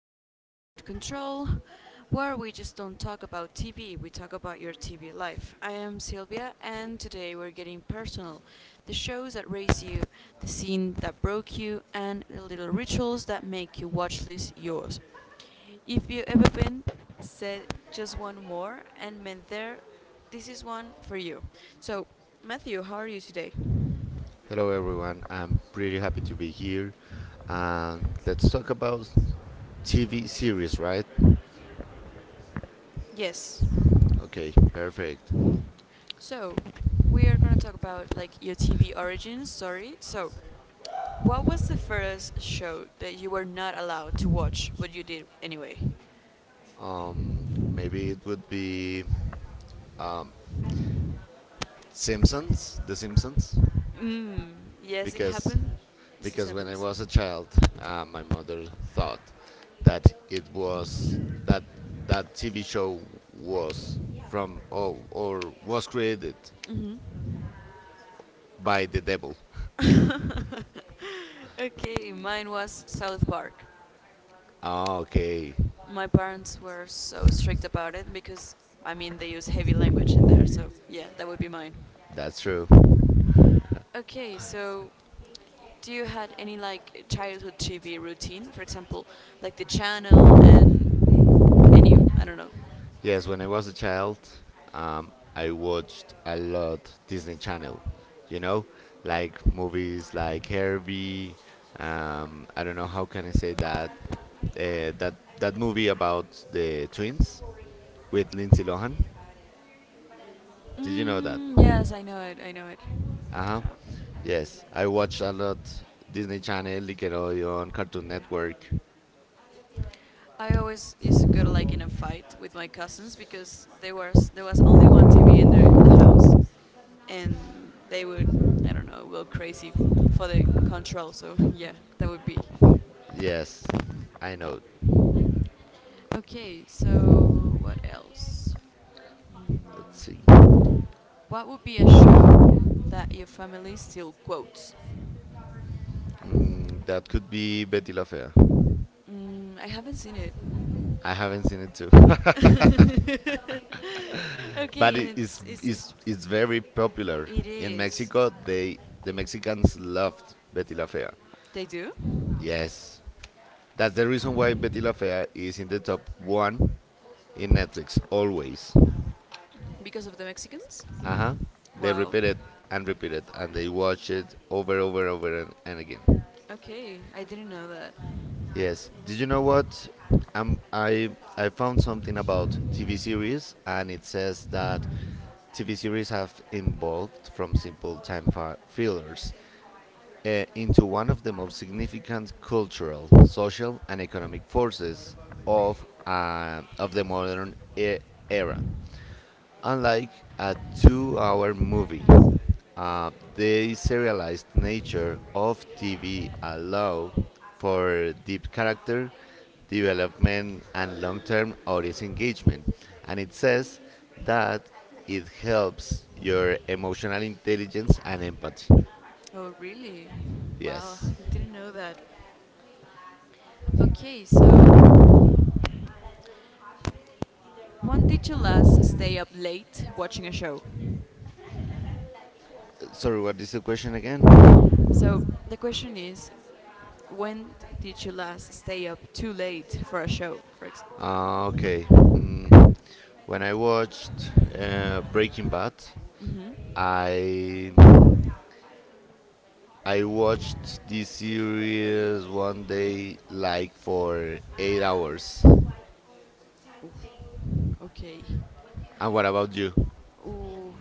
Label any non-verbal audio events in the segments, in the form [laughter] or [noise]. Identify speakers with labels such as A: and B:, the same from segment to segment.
A: to Remote Control, where we just don't talk about TV, we talk about your TV life. I am Sylvia, and today we're getting personal. The shows that raise you, the scene that broke you, and the little rituals that make your watch list yours. If you ever been, said just one more and meant there, this is one for you. So, Matthew, how are you today?
B: Hello everyone, I'm pretty happy to be here. And let's talk about TV series, right?
A: Yes.
B: Okay, perfect.
A: So, we are going to talk about like your TV origins. Sorry. So, what was the first show that you were not allowed to watch, but you did anyway?
B: Um, Maybe it would be Simpsons, The Simpsons,
A: Mm, yes, it
B: because
A: happened. This
B: when I
A: happens.
B: was a child, my mother thought that it was that that TV show was from or was created
A: Hmm.
B: by the devil.
A: [laughs] Okay, mine was South Park.
B: Ah, okay,
A: My parents were so strict about it because, I mean, they use heavy language in there. So, yeah, that would be mine.
B: that's true.
A: Okay, so do you had any like childhood TV routine? For example, like the channel and I don't know.
B: Yes, when I was a child, I watched a lot Disney Channel. You know, like movies like Herbie. I don't know how can I say that. Uh, that that movie about the twins with Lindsay Lohan. Did you know that?
A: Mm, yes, I know it. I know it.
B: Uh huh.
A: Yeah.
B: Yes, I watched a lot Disney Channel, Nickelodeon, Cartoon Network.
A: I always used to go to like in a fight with my cousins because there was only one TV in the house, and they would I don't know go crazy for the control. So yeah, that would be.
B: Yes, I know.
A: Okay, so what else? Mm,
B: Let's see.
A: What would be a show that your family still quotes?
B: That could be Betty La Fea.
A: Mm, I haven't seen it.
B: I haven't seen it too.
A: [laughs]
B: [laughs] But
A: Okay, and
B: it is
A: it's, it's,
B: is
A: it's
B: is very popular
A: it
B: in
A: is.
B: Mexico. The Mexicans loved Betty La Fea.
A: They do
B: Yes, that's the reason why Betty La Fea is in the top one in Netflix always.
A: because of the Mexicans.
B: Uh huh. They
A: Wow.
B: repeat it, and they watch it over, over, over and again.
A: Okay, I didn't know that.
B: Yes. Did you know what? Um, I I found something about TV series, and it says that TV series have evolved from simple time fillers, into one of the most significant cultural, social, and economic forces of the modern era. Unlike a 2-hour movie, the serialized nature of TV allows for deep character development and long-term audience engagement, and it says that it helps your emotional intelligence and empathy.
A: Oh, really? Wow, [laughs]
B: Yes.
A: I didn't know that. Okay, so when did you last stay up late watching a show?
B: Sorry, what is the question again?
A: So the question is, when did you last stay up too late for a show? I don't know.
B: Okay. When I watched Breaking Bad,
A: Mhm.
B: I I watched this series one day like for 8 hours.
A: Okay.
B: And what about you?
A: Ooh,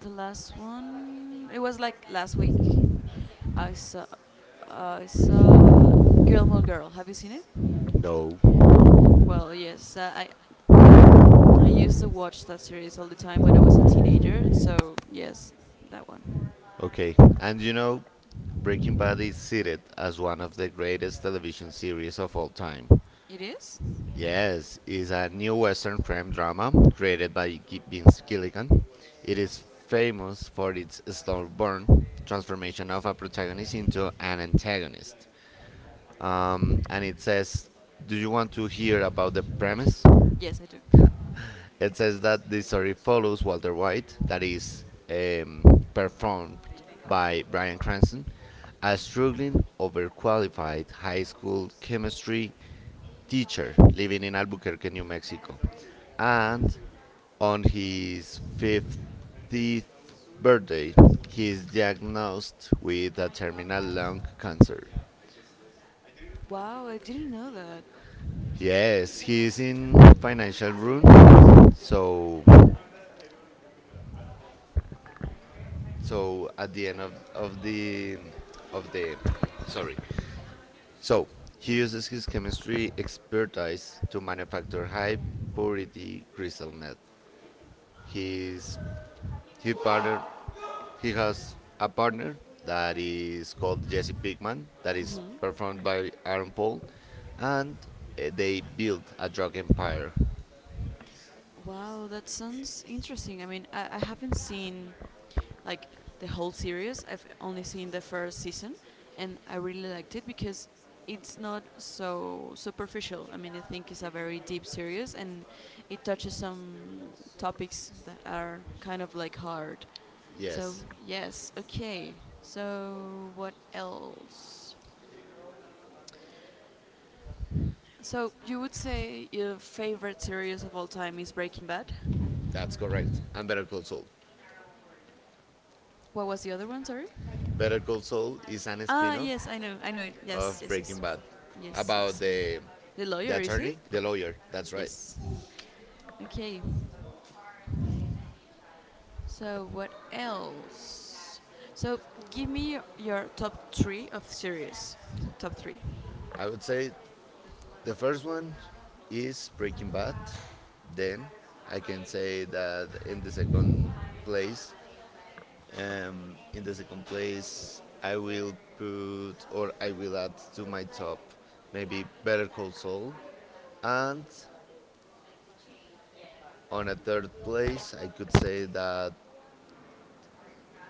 A: the last one. It was like last week. I saw. I saw Girl More Girl. Have you seen it?
B: No.
A: Well, yes, that I used to watch that series all the time when I was a teenager. So yes, that one.
B: Okay. And Breaking Bad is cited as one of the greatest television series of all time.
A: It is.
B: Yes, is a new Western crime drama created by Vince Gilligan. It is famous for its slow burn transformation of a protagonist into an antagonist. And it
A: Um,
B: says, do you want to hear about the premise?
A: Yes, I do.
B: [laughs] It says that the story follows Walter White, that
A: uh,
B: is performed by Bryan Cranston, a struggling, overqualified high school chemistry teacher living in Albuquerque, New Mexico, and on his 50th birthday, he is diagnosed with a terminal lung cancer.
A: Wow, I didn't know that.
B: Yes, he is in financial ruin. So at the end of the. Sorry. So he uses his chemistry expertise to manufacture high purity crystal meth. His his partner He has a partner that is called Jesse Pinkman, that is
A: Mhm.
B: performed by Aaron Paul, and they built a drug empire.
A: Wow, that sounds interesting. I mean, I haven't seen like the whole series. I've only seen the first season, and I really liked it because it's not so superficial. I mean, I think it's a very deep series, and it touches some topics that are kind of like hard. So
B: Yes,
A: yes, okay. So what else? So you would say your favorite series of all time is Breaking Bad?
B: that's correct. And Better Call Saul.
A: What was the other one? Sorry.
B: Better Call Saul is an
A: Ah,
B: spin-off
A: yes, I know it.
B: of
A: Yes, yes,
B: Breaking
A: yes,
B: Bad,
A: yes,
B: about
A: yes.
B: the
A: The
B: the
A: lawyer is it?
B: attorney, the lawyer. That's right.
A: Yes. Okay. So what else? So give me your top three of series. Top three.
B: I would say the first one is Breaking Bad. Then I can say that place in the second place, I will put or I will add to my top maybe Better Call Saul. And on a third place, I could say that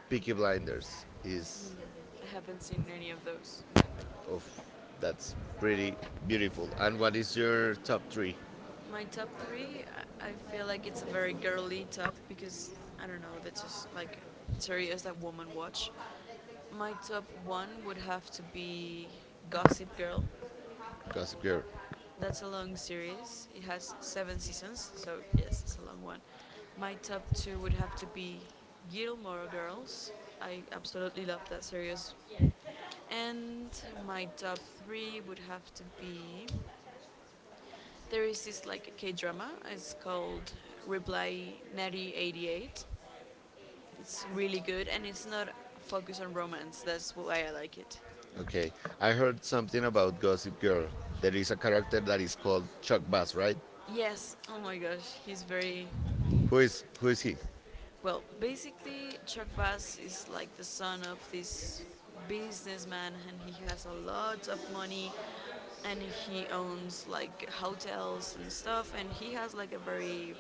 B: Peaky Blinders is
A: Mm, I haven't seen any of those.
B: of That's pretty beautiful. And what is your top three?
A: My top three, I feel like it's a very girly top because I don't know, that's just like serious that women watch. My top one would have to be Gossip Girl.
B: Gossip Girl.
A: That's a long series. It has seven seasons, so yes, it's a long one. My top two would have to be Gilmore Girls. I absolutely love that series. And my top three would have to be, there is this like K drama. It's called Reply Natty. It's really good and it's not focused on romance. That's why I like it.
B: Okay, I heard something about Gossip Girl. There is a character that is called Chuck Bass, right?
A: Yes. Oh my gosh, he's very.
B: Who is he?
A: Well, basically, Chuck Bass is like the son of this businessman, and he has a lot of money, and he owns like hotels and stuff, and he has like a very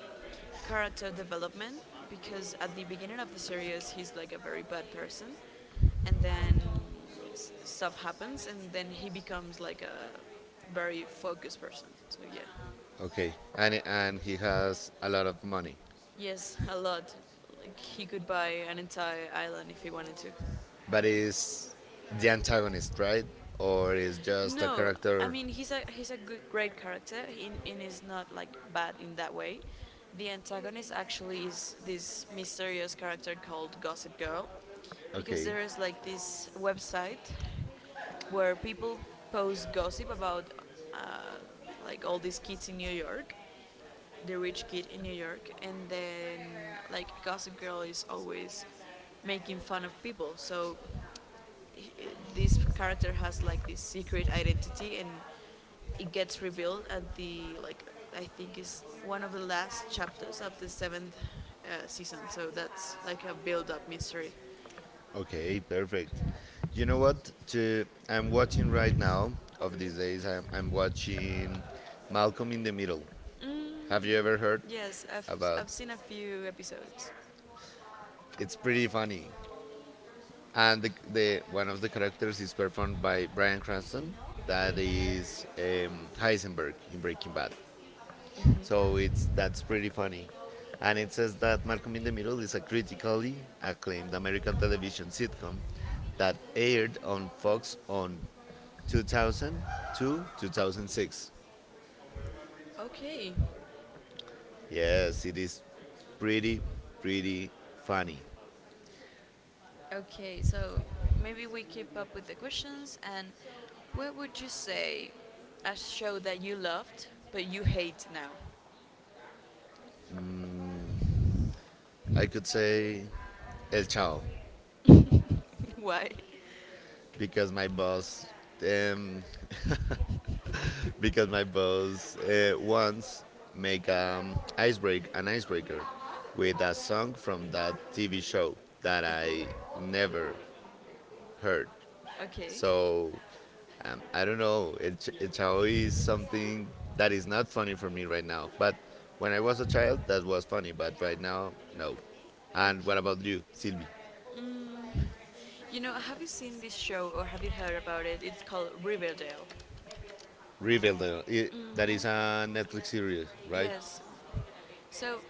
A: character development because at the beginning of the series he's like a very bad person, and then stuff happens, and then he becomes like a very focused person. So yeah.
B: Okay, and he has a lot of money.
A: Yes, a lot. Like he could buy an entire island if he wanted to.
B: But is the antagonist, right? Or is
A: Right?
B: just a
A: No, I
B: character?
A: mean he's a good great character. In is not like bad in that way. The antagonist actually is this mysterious character called Gossip Girl, because
B: Okay,
A: there is like this website where people post gossip about uh, like all these kids in New York, the rich kid in New York, and then like Gossip Girl is always making fun of people. So h- this character has like this secret identity, and it gets revealed at the like I think is one of the last chapters of the seventh season. So that's like a build-up mystery.
B: okay, perfect. You know what? I'm watching right now. Of these days, I'm watching Malcolm in the Middle.
A: Mm.
B: Have you ever heard
A: Yes, I've,
B: about?
A: I've seen a few episodes.
B: It's pretty
A: It's.
B: funny, and the one of the characters is performed by Bryan Cranston. That is Heisenberg in Breaking Bad.
A: So.
B: So it's that's pretty funny. And it says that Malcolm in the Middle is a critically acclaimed American television sitcom that aired on Fox on 2002 2006.
A: Okay.
B: Yes, it is pretty, pretty funny.
A: Okay, so maybe we keep up with the questions. And what would you say a show that you loved but you hate now?
B: I could say El Chao
A: [laughs] Why?
B: because my boss, um, once make icebreak an icebreaker with a song from that TV show that I never heard.
A: Okay. Okay.
B: So I don't know. It is something that is not funny for me right now. But
A: Right.
B: when I was a child, that was funny. But right now,
A: Right.
B: no.
A: Okay.
B: And
A: can
B: what about you, Sylvie?
A: Mm, you know, have you seen this show or have you heard about it? It's called Riverdale. That
B: Riverdale. i-
A: is
B: that is a Netflix series,
A: right?
B: right?
A: Yes. So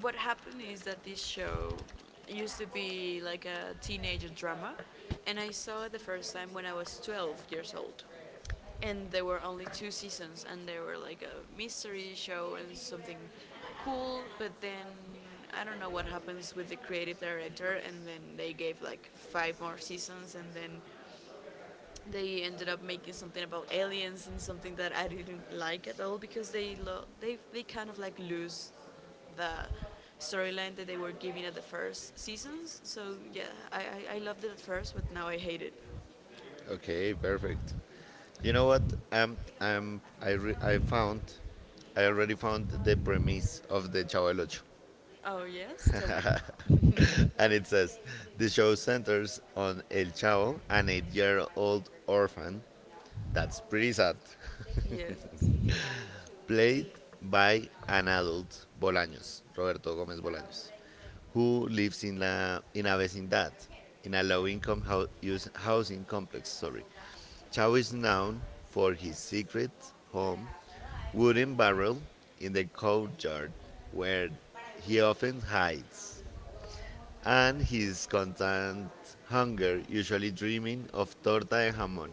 A: what happened is that this show used to be like a teenager drama, and I saw it the first time when I was 12 years old. And there were only two seasons, and they were like a mystery show and something cool, but then I don't know what happens with the creative director, and then they gave like five more seasons, and then they ended up making something about aliens and something that I didn't like at all because they lo- they kind of like lose the storyline that they were giving at the first seasons. So yeah, I loved it at first, but now I hate it.
B: Okay, perfect. You know what? I already found the premise of the Chavo el Ocho,
A: Oh yes, tell me.
B: [laughs] and it says the show centers on El Chavo, an 8-year-old orphan. That's pretty sad. [laughs]
A: Yes.
B: Played by an adult, Bolaños, Roberto Gomez Bolaños, who lives in a vecindad, in a low-income housing complex. Sorry, Chao is known for his secret home, wooden barrel in the courtyard, where he often hides, and his constant hunger, usually dreaming of torta de jamón.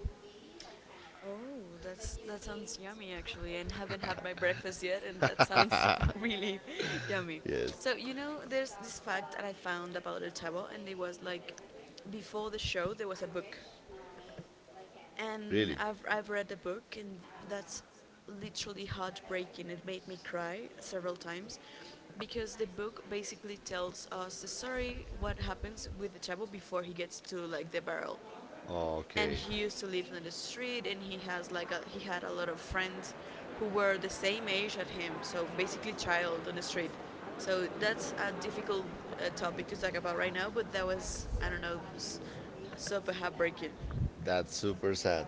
A: Oh, that sounds yummy actually, and haven't had my breakfast yet, and that sounds
B: [laughs]
A: [laughs] really yummy.
B: Yes,
A: So there's this fact that I found about El Chavo, and it was like before the show there was a book, and
B: really.
A: I've read the book, and that's literally heartbreaking. It made me cry several times because the book basically tells us the story what happens with the Chavo before he gets to like the barrel and
B: Okay.
A: he used to live in the street and he had a lot of friends who were the same age as him so basically child on the street so that's a difficult topic to talk about right now but that was I don't know super heartbreaking.
B: That's super sad.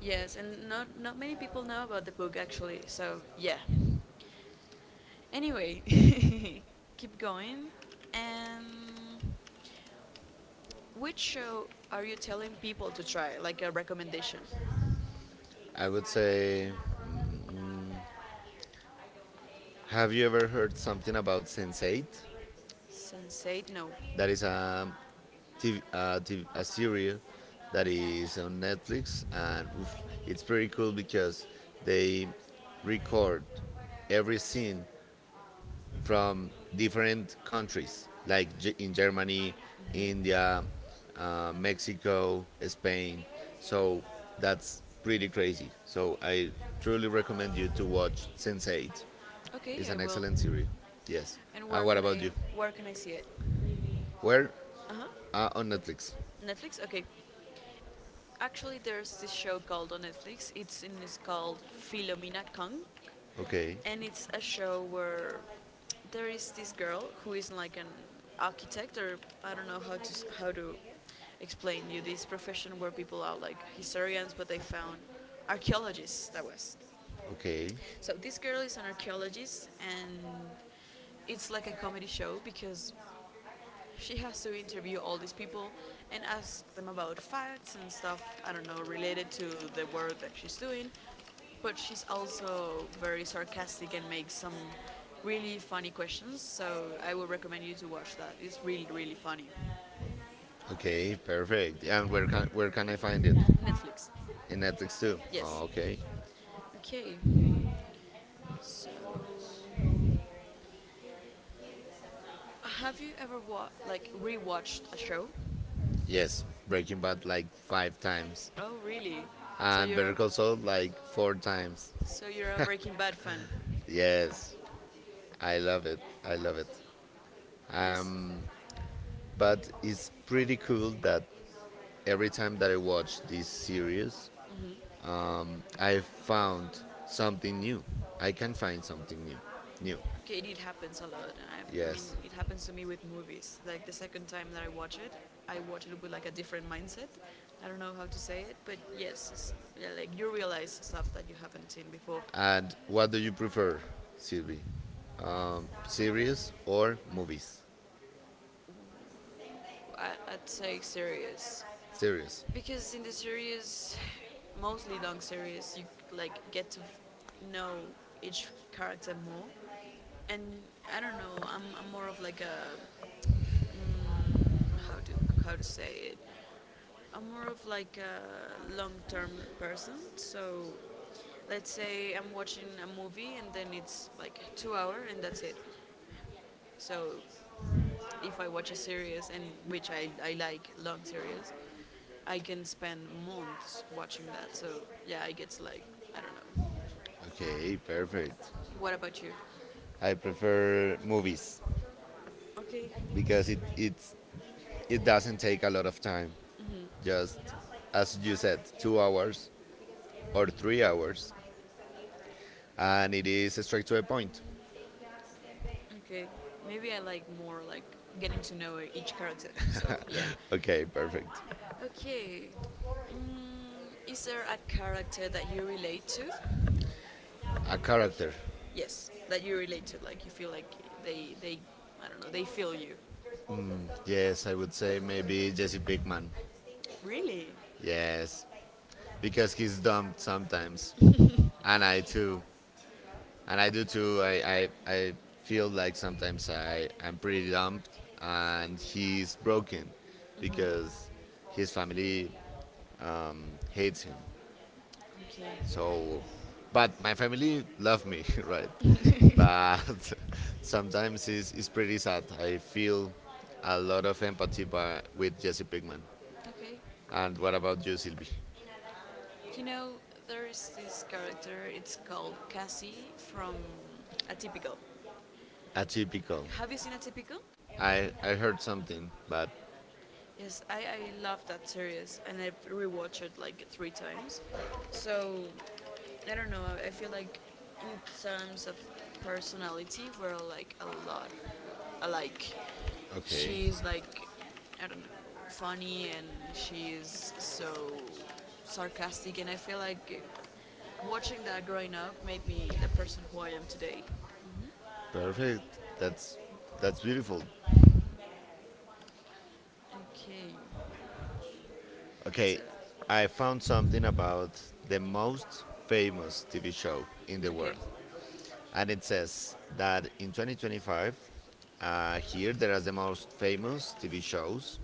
A: Yes, and not many people know about the book actually so yeah, anyway [laughs] keep going. And which show are you telling people to try, like a recommendation?
B: I would say, mm, have you ever heard something about Sense8?
A: Sense8? No,
B: That is a TV, a, T V, a series that is on Netflix, and oof, it's pretty cool
A: because
B: because they record every scene from different countries, like
A: like,
B: in Germany,
A: hmm.
B: India, Mexico,
A: So.
B: Spain. So that's pretty crazy. So
A: Really?
B: I truly recommend you to watch Sense8. It's
A: Okay, I
B: an
A: will.
B: excellent series. Yes.
A: And
B: And what about you?
A: where can I see it?
B: Where?
A: Uh huh.
B: On Netflix.
A: Netflix. Okay. Actually, there's this show called on Netflix. It's called Philomena Kong,
B: Okay.
A: and it's a show where there is this girl who is like an architect or I don't know how to explain you this profession where people are like historians, but they found archaeologists. That was.
B: Okay.
A: So, this girl is an archaeologist, and it's like a comedy show because she has to interview all these people and ask them about facts and stuff, I don't know, related to the work that she's doing. But she's also very sarcastic and makes some really funny questions, so I would recommend you to watch that. It's really, really funny.
B: Okay. Perfect. And where can I find it?
A: Netflix.
B: In Netflix too. Oh,
A: Yes.
B: okay.
A: Okay. So, have you ever like rewatched a show?
B: Yes. Breaking Bad like five times,
A: Oh, really? So
B: and
A: you're a,
B: Better Call Saul like four times.
A: so you're a Breaking Bad fan.
B: Yes, I love it. I love it.
A: Yes.
B: Um, but it's pretty cool that every time that I watch this series,
A: Mhm.
B: I found something new. I can find something new. New.
A: Okay, it happens a lot. I mean,
B: Yes.
A: it happens to me with movies. Like the second time that I watch it with like a different mindset. I don't know how to say it, but yes, yeah, like you realize stuff that you haven't seen before.
B: And what do you prefer, Sylvie? Series or movies?
A: I'd say series,
B: Series.
A: because in the series, mostly long series, you like get to know each character more, and I don't know. I'm more of like a mm, how do how to say it? I'm more of like a long-term person. So, let's say I'm watching a movie and then it's like 2 hour and that's it. So, if I watch a series and which I like long series, I can spend months watching that. So yeah, I get like I don't know.
B: Okay, perfect.
A: What about you? I
B: I
A: prefer
B: prefer
A: movies,
B: movies
A: okay, because
B: because it it's,
A: it,
B: it
A: it doesn't
B: doesn't
A: take
B: take
A: a
B: a
A: lot
B: lot
A: of
B: of
A: time.
B: time.
A: Mhm.
B: Just as you said, 2 hours or 3 hours, and it is straight to the point.
A: Okay. Maybe I like more like getting to know each character. So yeah.
B: Okay, perfect.
A: Okay. Is there a character that you relate to?
B: A character.
A: Yes, that you relate to. Like you feel like they I don't know they feel you.
B: Yes, I would say maybe Jesse Pinkman.
A: Really?
B: Yes, because he's dumb sometimes, and I too,
A: [laughs] And
B: and
A: I
B: I
A: do
B: do
A: too.
B: too. I
A: Like I,
B: I,
A: I
B: I
A: feel
B: feel
A: like
B: like
A: sometimes
B: sometimes
A: I'm
B: I'm
A: pretty
B: pretty
A: down,
B: dumb,
A: and
B: and
A: he's
B: he's
A: broke.
B: broken
A: Mm-hmm.
B: because
A: His
B: his
A: family
B: family hates him.
A: hates me,
B: So,
A: but
B: but my family love me, [laughs] right?
A: love me. But [laughs]
B: But [laughs]
A: sometimes
B: sometimes
A: it's,
B: it's,
A: it's
B: it's
A: pretty
B: pretty
A: sad.
B: sad.
A: I
B: I
A: feel
B: feel
A: a
B: a
A: lot
B: lot
A: of
B: of
A: empathy
B: empathy
A: by,
B: by,
A: with
B: with
A: Jesse
B: Jesse
A: Pinkman.
B: Pinkman.
A: Okay. And
B: And
A: what
B: what
A: about
B: about
A: you?
B: you, Sylvie?
A: You know, there is this character, it's called Cassie from Atypical.
B: Atypical.
A: Have you seen Atypical?
B: I heard something, but
A: Yes, I love that series and I've rewatched it like three times. So, I don't know, I feel like in terms of personality, we're like a lot alike.
B: okay,
A: She's like, I don't know, funny and she's so sarcastic, and I feel like watching that growing up made me the person who I am today.
B: perfect. That's beautiful.
A: Okay.
B: Okay,
A: So,
B: I
A: I found
B: found
A: something
B: something
A: about
B: about the
A: the most
B: most
A: famous
B: famous
A: TV
B: TV
A: show
B: show
A: in
B: in the
A: the, okay,
B: world.
A: world,
B: And
A: and
B: it
A: it says
B: says
A: that
B: that
A: in
B: in 2025,
A: 2025,
B: here there
A: there
B: are
A: are
B: the
A: the most
B: most
A: famous
B: famous TV
A: shows
B: shows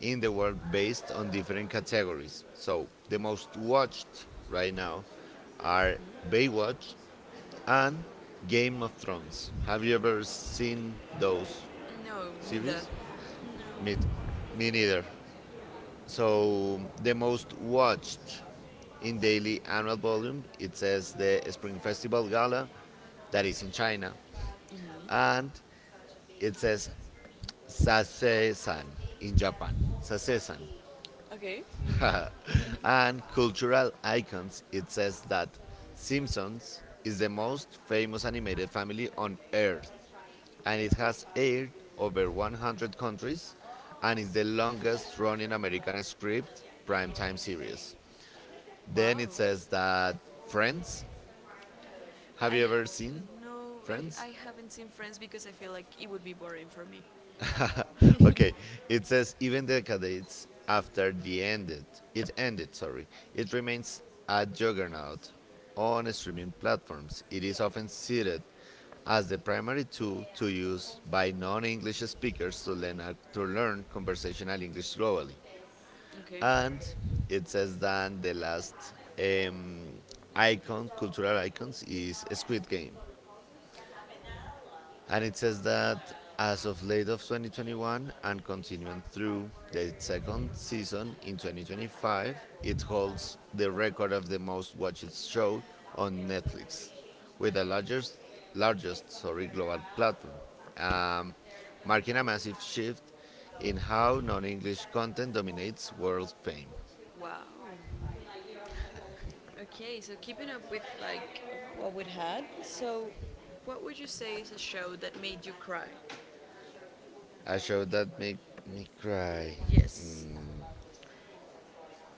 A: in
B: the
A: the world
B: world
A: based
B: based
A: on
B: on different
A: different categories.
B: categories.
A: So
B: So the
A: the
B: most
A: most watched
B: watched
A: right
B: right now
A: now
B: are
A: are Baywatch
B: Baywatch and
A: and Game
B: Game of
A: of Thrones.
B: Thrones.
A: Have
B: Have you
A: you ever
B: ever
A: seen
B: seen
A: those?
B: those
A: No, neither.
B: series?
A: No.
B: Me,
A: Me
B: me
A: neither.
B: neither.
A: So,
B: So the most watched in daily annual volume, it says the Spring Festival Gala, that is in China, and it says sase in Japan. Sase.
A: okay.
B: [laughs] And cultural icons, it says that Simpsons is the most famous animated family on earth, and it has aired over 100 countries and is the longest running American script primetime series. Then
A: Wow.
B: it says that Friends, have
A: I
B: you ever
A: have.
B: seen
A: No, I,
B: Friends?
A: I haven't seen Friends because I feel like it would be boring for me. [laughs]
B: Okay, it says even decades after it ended. Sorry, it remains a juggernaut on streaming platforms. It is often cited as the primary tool to use by non-English speakers to learn conversational English globally.
A: Okay.
B: And it says that the last um, cultural icons, is Squid Game. And it says that
A: uh,
B: as of late of 2021 and continuing through the second season in 2025, it holds the record of the most watched show on Netflix, with the largest, sorry, global platform, um, marking a massive shift in how non-English content dominates world fame.
A: Wow. Okay, so keeping up with like what we had, so what would you say is a show that made you cry?
B: A show that made me cry.
A: Yes.
B: Mm,
A: [laughs]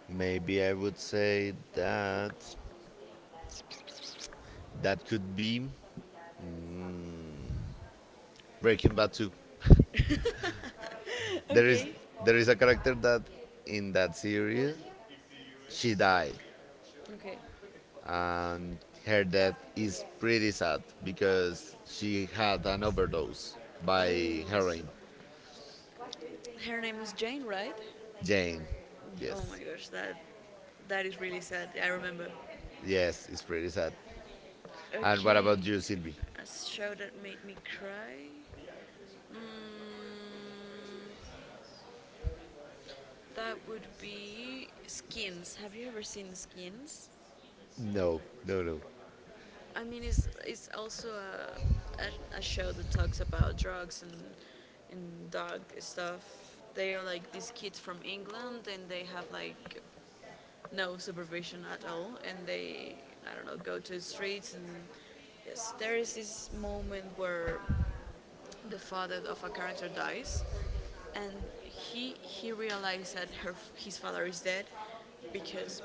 B: Maybe I would say that that could be Breaking Bad 2. There is
A: Okay.
B: there is a character that in that series she died,
A: Okay.
B: and her death is pretty sad because she had an overdose by
A: Oh.
B: heroin.
A: Her name was Jane, right?
B: Jane.
A: Oh my
B: Yes.
A: gosh, that is really sad. I remember.
B: Yes, it's pretty sad. And what
A: Okay.
B: about you, Sylvie?
A: A show that made me cry. Mm, that would be Skins. Have you ever seen Skins?
B: No, no, no.
A: I mean, it's also a show that talks about drugs and dog stuff. They are like these kids from England, and they have like no supervision at all, and they, I don't know, go to the streets. And yes, there is this moment where the father of a character dies, and he realized that her his father is dead because,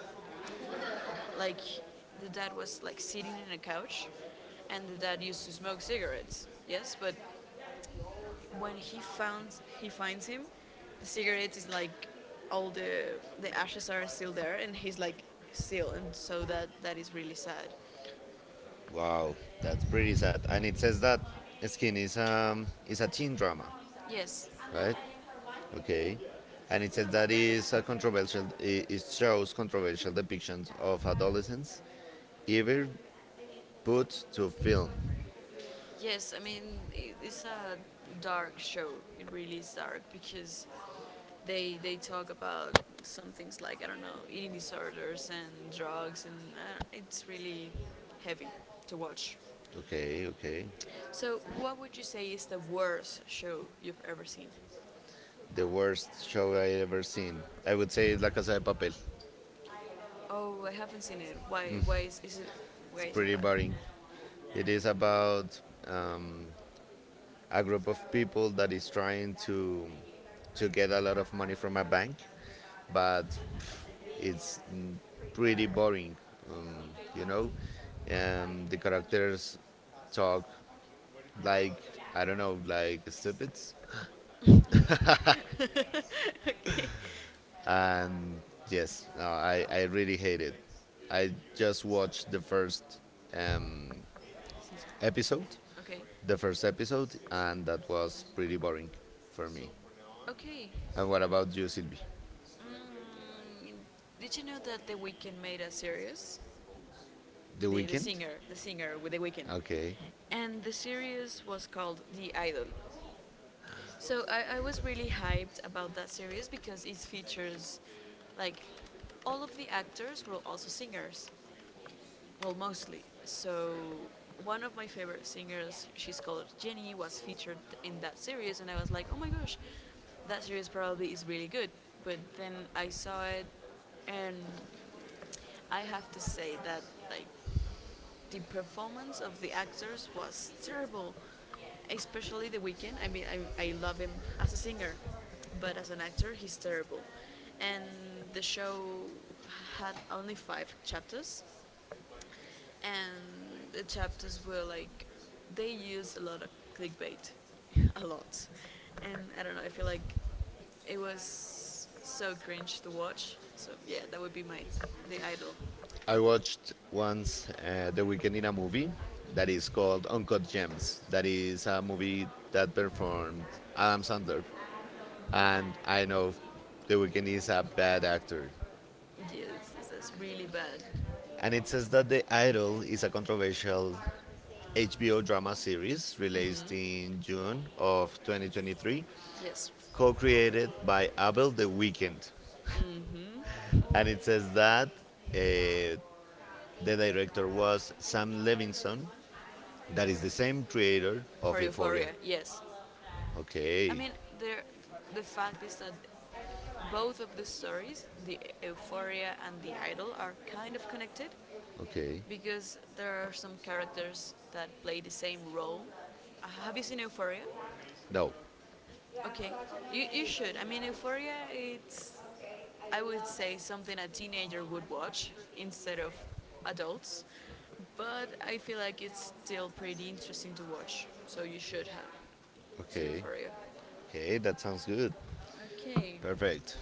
A: like, the dad was like sitting in a couch, and the dad used to smoke cigarettes. Yes, but when he finds him, the cigarette is like all the ashes are still there, and he's like still, and so that is really sad.
B: Wow, that's pretty sad. And it says that Skin is
A: uh,
B: a teen drama,
A: Yes,
B: right? Okay. And it says that is a controversial. It
A: shows
B: shows
A: controversial
B: controversial
A: depictions
B: depictions of
A: of mythology,
B: adolescence
A: evil,
B: ever
A: good
B: put to
A: to film.
B: film.
A: Yes, I mean it's a dark show. It really is dark because they talk about some things like, I don't know, eating disorders and drugs, and it's really heavy to watch.
B: Okay, okay.
A: So, what would you say is the worst show you've ever seen?
B: The worst show I ever seen. I would say La Casa de
A: Like,
B: Papel.
A: oh, I haven't seen it. Why? Why is it? Why
B: It's
A: is it
B: pretty
A: bad?
B: boring. It is about um, a group of people that is
A: [laughs]
B: trying to get a lot of money from a bank, but it's pretty boring. Um, you know, the characters talk like I don't know, like stupids. [laughs]
A: Okay.
B: And yes,
A: Yes,
B: no, I really hate it. I just watched the first um,
A: Season.
B: episode,
A: Okay.
B: episode, and that was pretty boring for me.
A: Okay.
B: And what about you, Sylvie?
A: Mm, did you know that The Weeknd made a series?
B: The
A: The, the
B: weekend?
A: singer, the singer with The Weeknd.
B: Okay.
A: And the series was called The Idol. So I was really hyped about that series because it features, like, all of the actors were also singers. Well, mostly. So one of my favorite singers, she's called Jenny, was featured in that series, and I was like, oh my gosh, that series probably is really good. But then I saw it, and I have to say that, like, the performance of the actors was terrible, especially The Weeknd. I mean, I love him as a singer, but as an actor, he's terrible. And the show had only five chapters, and the chapters were, like, they used a lot of clickbait, [laughs] a lot, and I don't know, I feel like it was so cringe to watch. So yeah, that would be my, the Idol.
B: I watched once The Weekend in a movie that is called Uncut Gems. That is a movie that performed Adam Sandler. And I know The Weekend is a bad actor.
A: Yes, that's really bad.
B: And it says that The Idol is a controversial HBO drama series released
A: Hmm.
B: in June of 2023,
A: Yes.
B: co created by Abel The Weekend.
A: Hmm.
B: And it says that
A: uh,
B: uh, the director was Sam Levinson, that is the same creator
A: For
B: of Euphoria.
A: Euphoria, yes. I
B: Okay,
A: mean, there, the fact is that both of the stories, the Euphoria and the Idol, are kind of connected
B: okay.
A: because there are some characters that play the same role. Have you seen Euphoria?
B: No,
A: Okay, you should. I mean, Euphoria, it's, I would say, something a teenager would watch instead of adults, but I feel like it's still pretty interesting to watch, so you should have, see
B: okay.
A: Euphoria.
B: Okay, that sounds good.
A: Okay,
B: Perfect.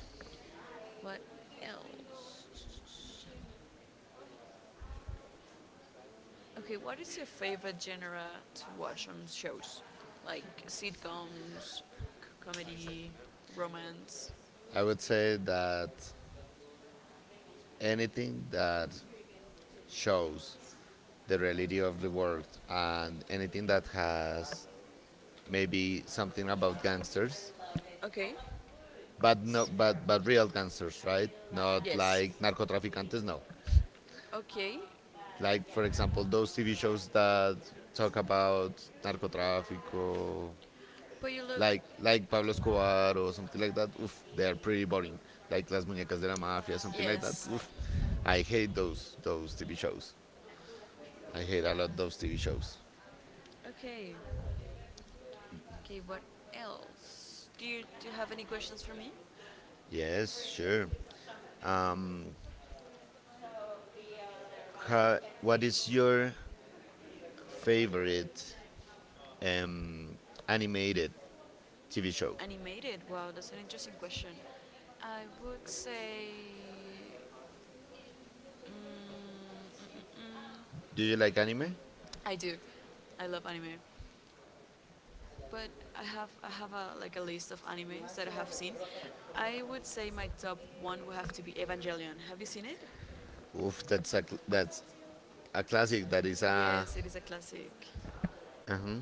A: what else? Okay, what is your favorite genre to watch on shows? Like sitcoms, comedy, romance?
B: I would say that anything that shows the reality of the world, and anything that has maybe something about gangsters,
A: Okay.
B: but no, but real gangsters, right? Not
A: Yes.
B: like narcotraficantes, no.
A: Okay.
B: Like for example, those TV shows that talk about narcotráfico,
A: But you look.
B: like Pablo Escobar or something like that. Oof, they are pretty boring. Like Las Muñecas de la Mafia, something like that.
A: Yes.
B: Oof, I hate those TV shows. I hate a lot those TV shows.
A: Okay. Okay, what else? Do you have any questions for me?
B: Yes, sure. Um, what is your favorite um, animated TV show?
A: Animated? Wow, that's an interesting question. I would say. Mm, mm, mm,
B: Do
A: mm.
B: you like anime?
A: I do. I love anime, but I have a, like, a list of animes that I have seen. I would say my top one would have to be Evangelion. Have you seen it?
B: Oof, that's a classic. That is a.
A: Yes, it is a classic.
B: Uh-huh.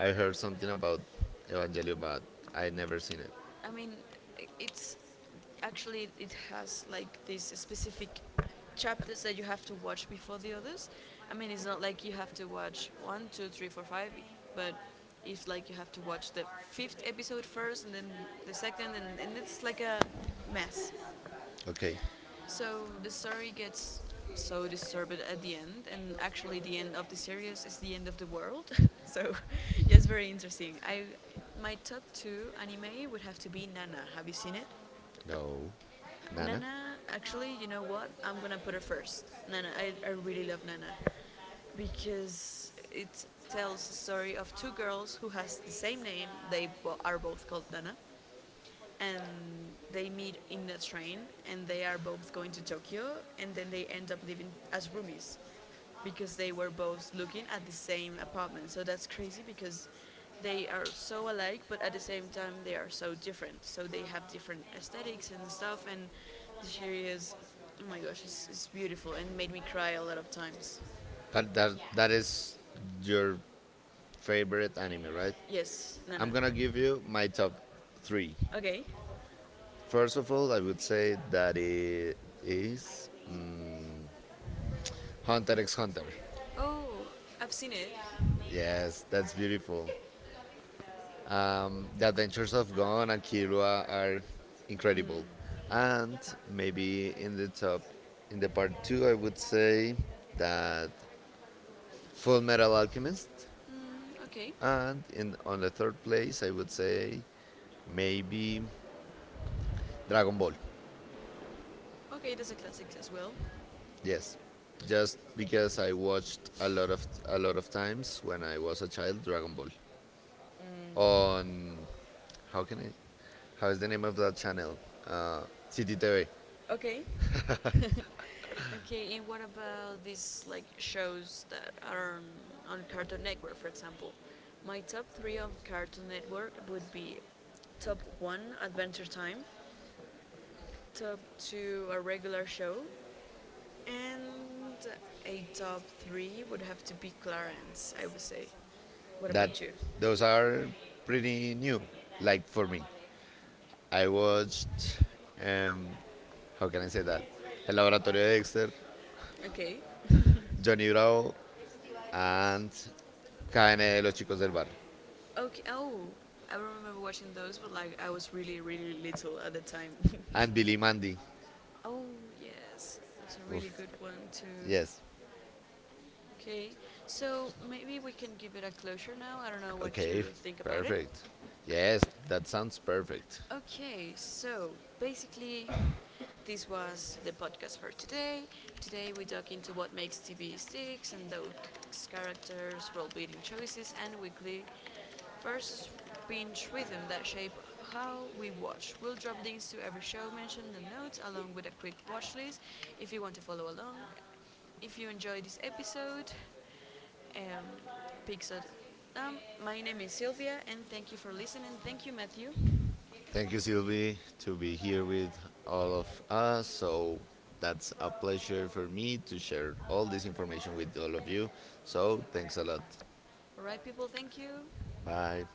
B: I heard something about Evangelion, but I never seen it.
A: I mean, it's actually, it has like these specific chapters that you have to watch before the others. I mean, it's not like you have to watch one, two, three, four, five, but if, like, you have to watch the fifth episode first and then the second, and it's like a mess.
B: Okay,
A: So the story gets so disturbed at the end, and actually the end of the series is the end of the world. [laughs] So, [laughs] yes, very interesting. I My top two anime would have to be Nana. Have you seen it?
B: no, Nana.
A: Nana, actually, you know what? I'm gonna put her first. Nana, I really love Nana because it tells the story of two girls who has the same name. They are both called Nana, and they meet in the train and they are both going to Tokyo and then they end up living as roomies because they were both looking at the same apartment. So that's crazy because they are so alike but at the same time they are so different. So they have different aesthetics and stuff, and the series, oh my gosh, it's beautiful and made me cry a lot of times. That,
B: But
A: that,
B: that
A: that
B: that
A: is
B: is
A: your
B: your
A: favorite
B: favorite anime,
A: anime.
B: right?
A: Yes, Nana.
B: I'm gonna give you my top three.
A: Okay.
B: First of all, I would say that it is Hunter x Hunter.
A: Oh, I've seen it.
B: Yes, that's beautiful. The adventures of Gon and Kirua are incredible.
A: Mm.
B: And maybe in the part two, I would say that Full Metal Alchemist.
A: Mm, okay.
B: And in on the third place, I would say maybe Dragon Ball.
A: Okay, that's a classic as well.
B: Yes, just because I watched a lot of times when I was a child Dragon Ball
A: Mm.
B: on how can I how is the name of that channel? Uh, City TV.
A: Okay. Okay, and what about these, like, shows that are on Cartoon Network, for example? My top three on Cartoon Network would be, top one, Adventure Time, top two, a regular show, and a top three would have to be Clarence, I would say. What
B: That
A: about you? Those
B: those
A: are
B: are
A: pretty
B: pretty
A: new,
B: new.
A: like,
B: Like
A: for
B: for
A: how
B: me,
A: can
B: I watched um,
A: I
B: how can I
A: say
B: say that?
A: that? El
B: El
A: laboratorio
B: Laboratorio de Dexter,
A: de. Okay.
B: Johnny Bravo, and Cadena de los Chicos del Bar,
A: Okay. Oh, I remember watching those, but like I was really, really little at the time. [laughs]
B: and Billy Mandy.
A: Oh yes, that's a really
B: Oof,
A: good one too.
B: yes.
A: Okay, so maybe we can give it a closure now. I don't know what
B: Okay,
A: to think about it.
B: perfect. Yes, that sounds perfect.
A: Okay, so basically, this was the podcast for today. Today we dug into what makes TV sticks, and those characters, world-building choices, and weekly versus binge rhythm that shape how we watch. We'll drop links to every show mentioned in the notes, along with a quick watch list if you want to follow along. If you enjoyed this episode, um, Pixel. Um, my name is Sylvia, and thank you for listening. Thank you, Matthew.
B: Thank you, Sylvie, to be here with all of us. So that's a pleasure for me to share all this information with all of you. So thanks a lot.
A: All right, people, thank you.
B: Bye.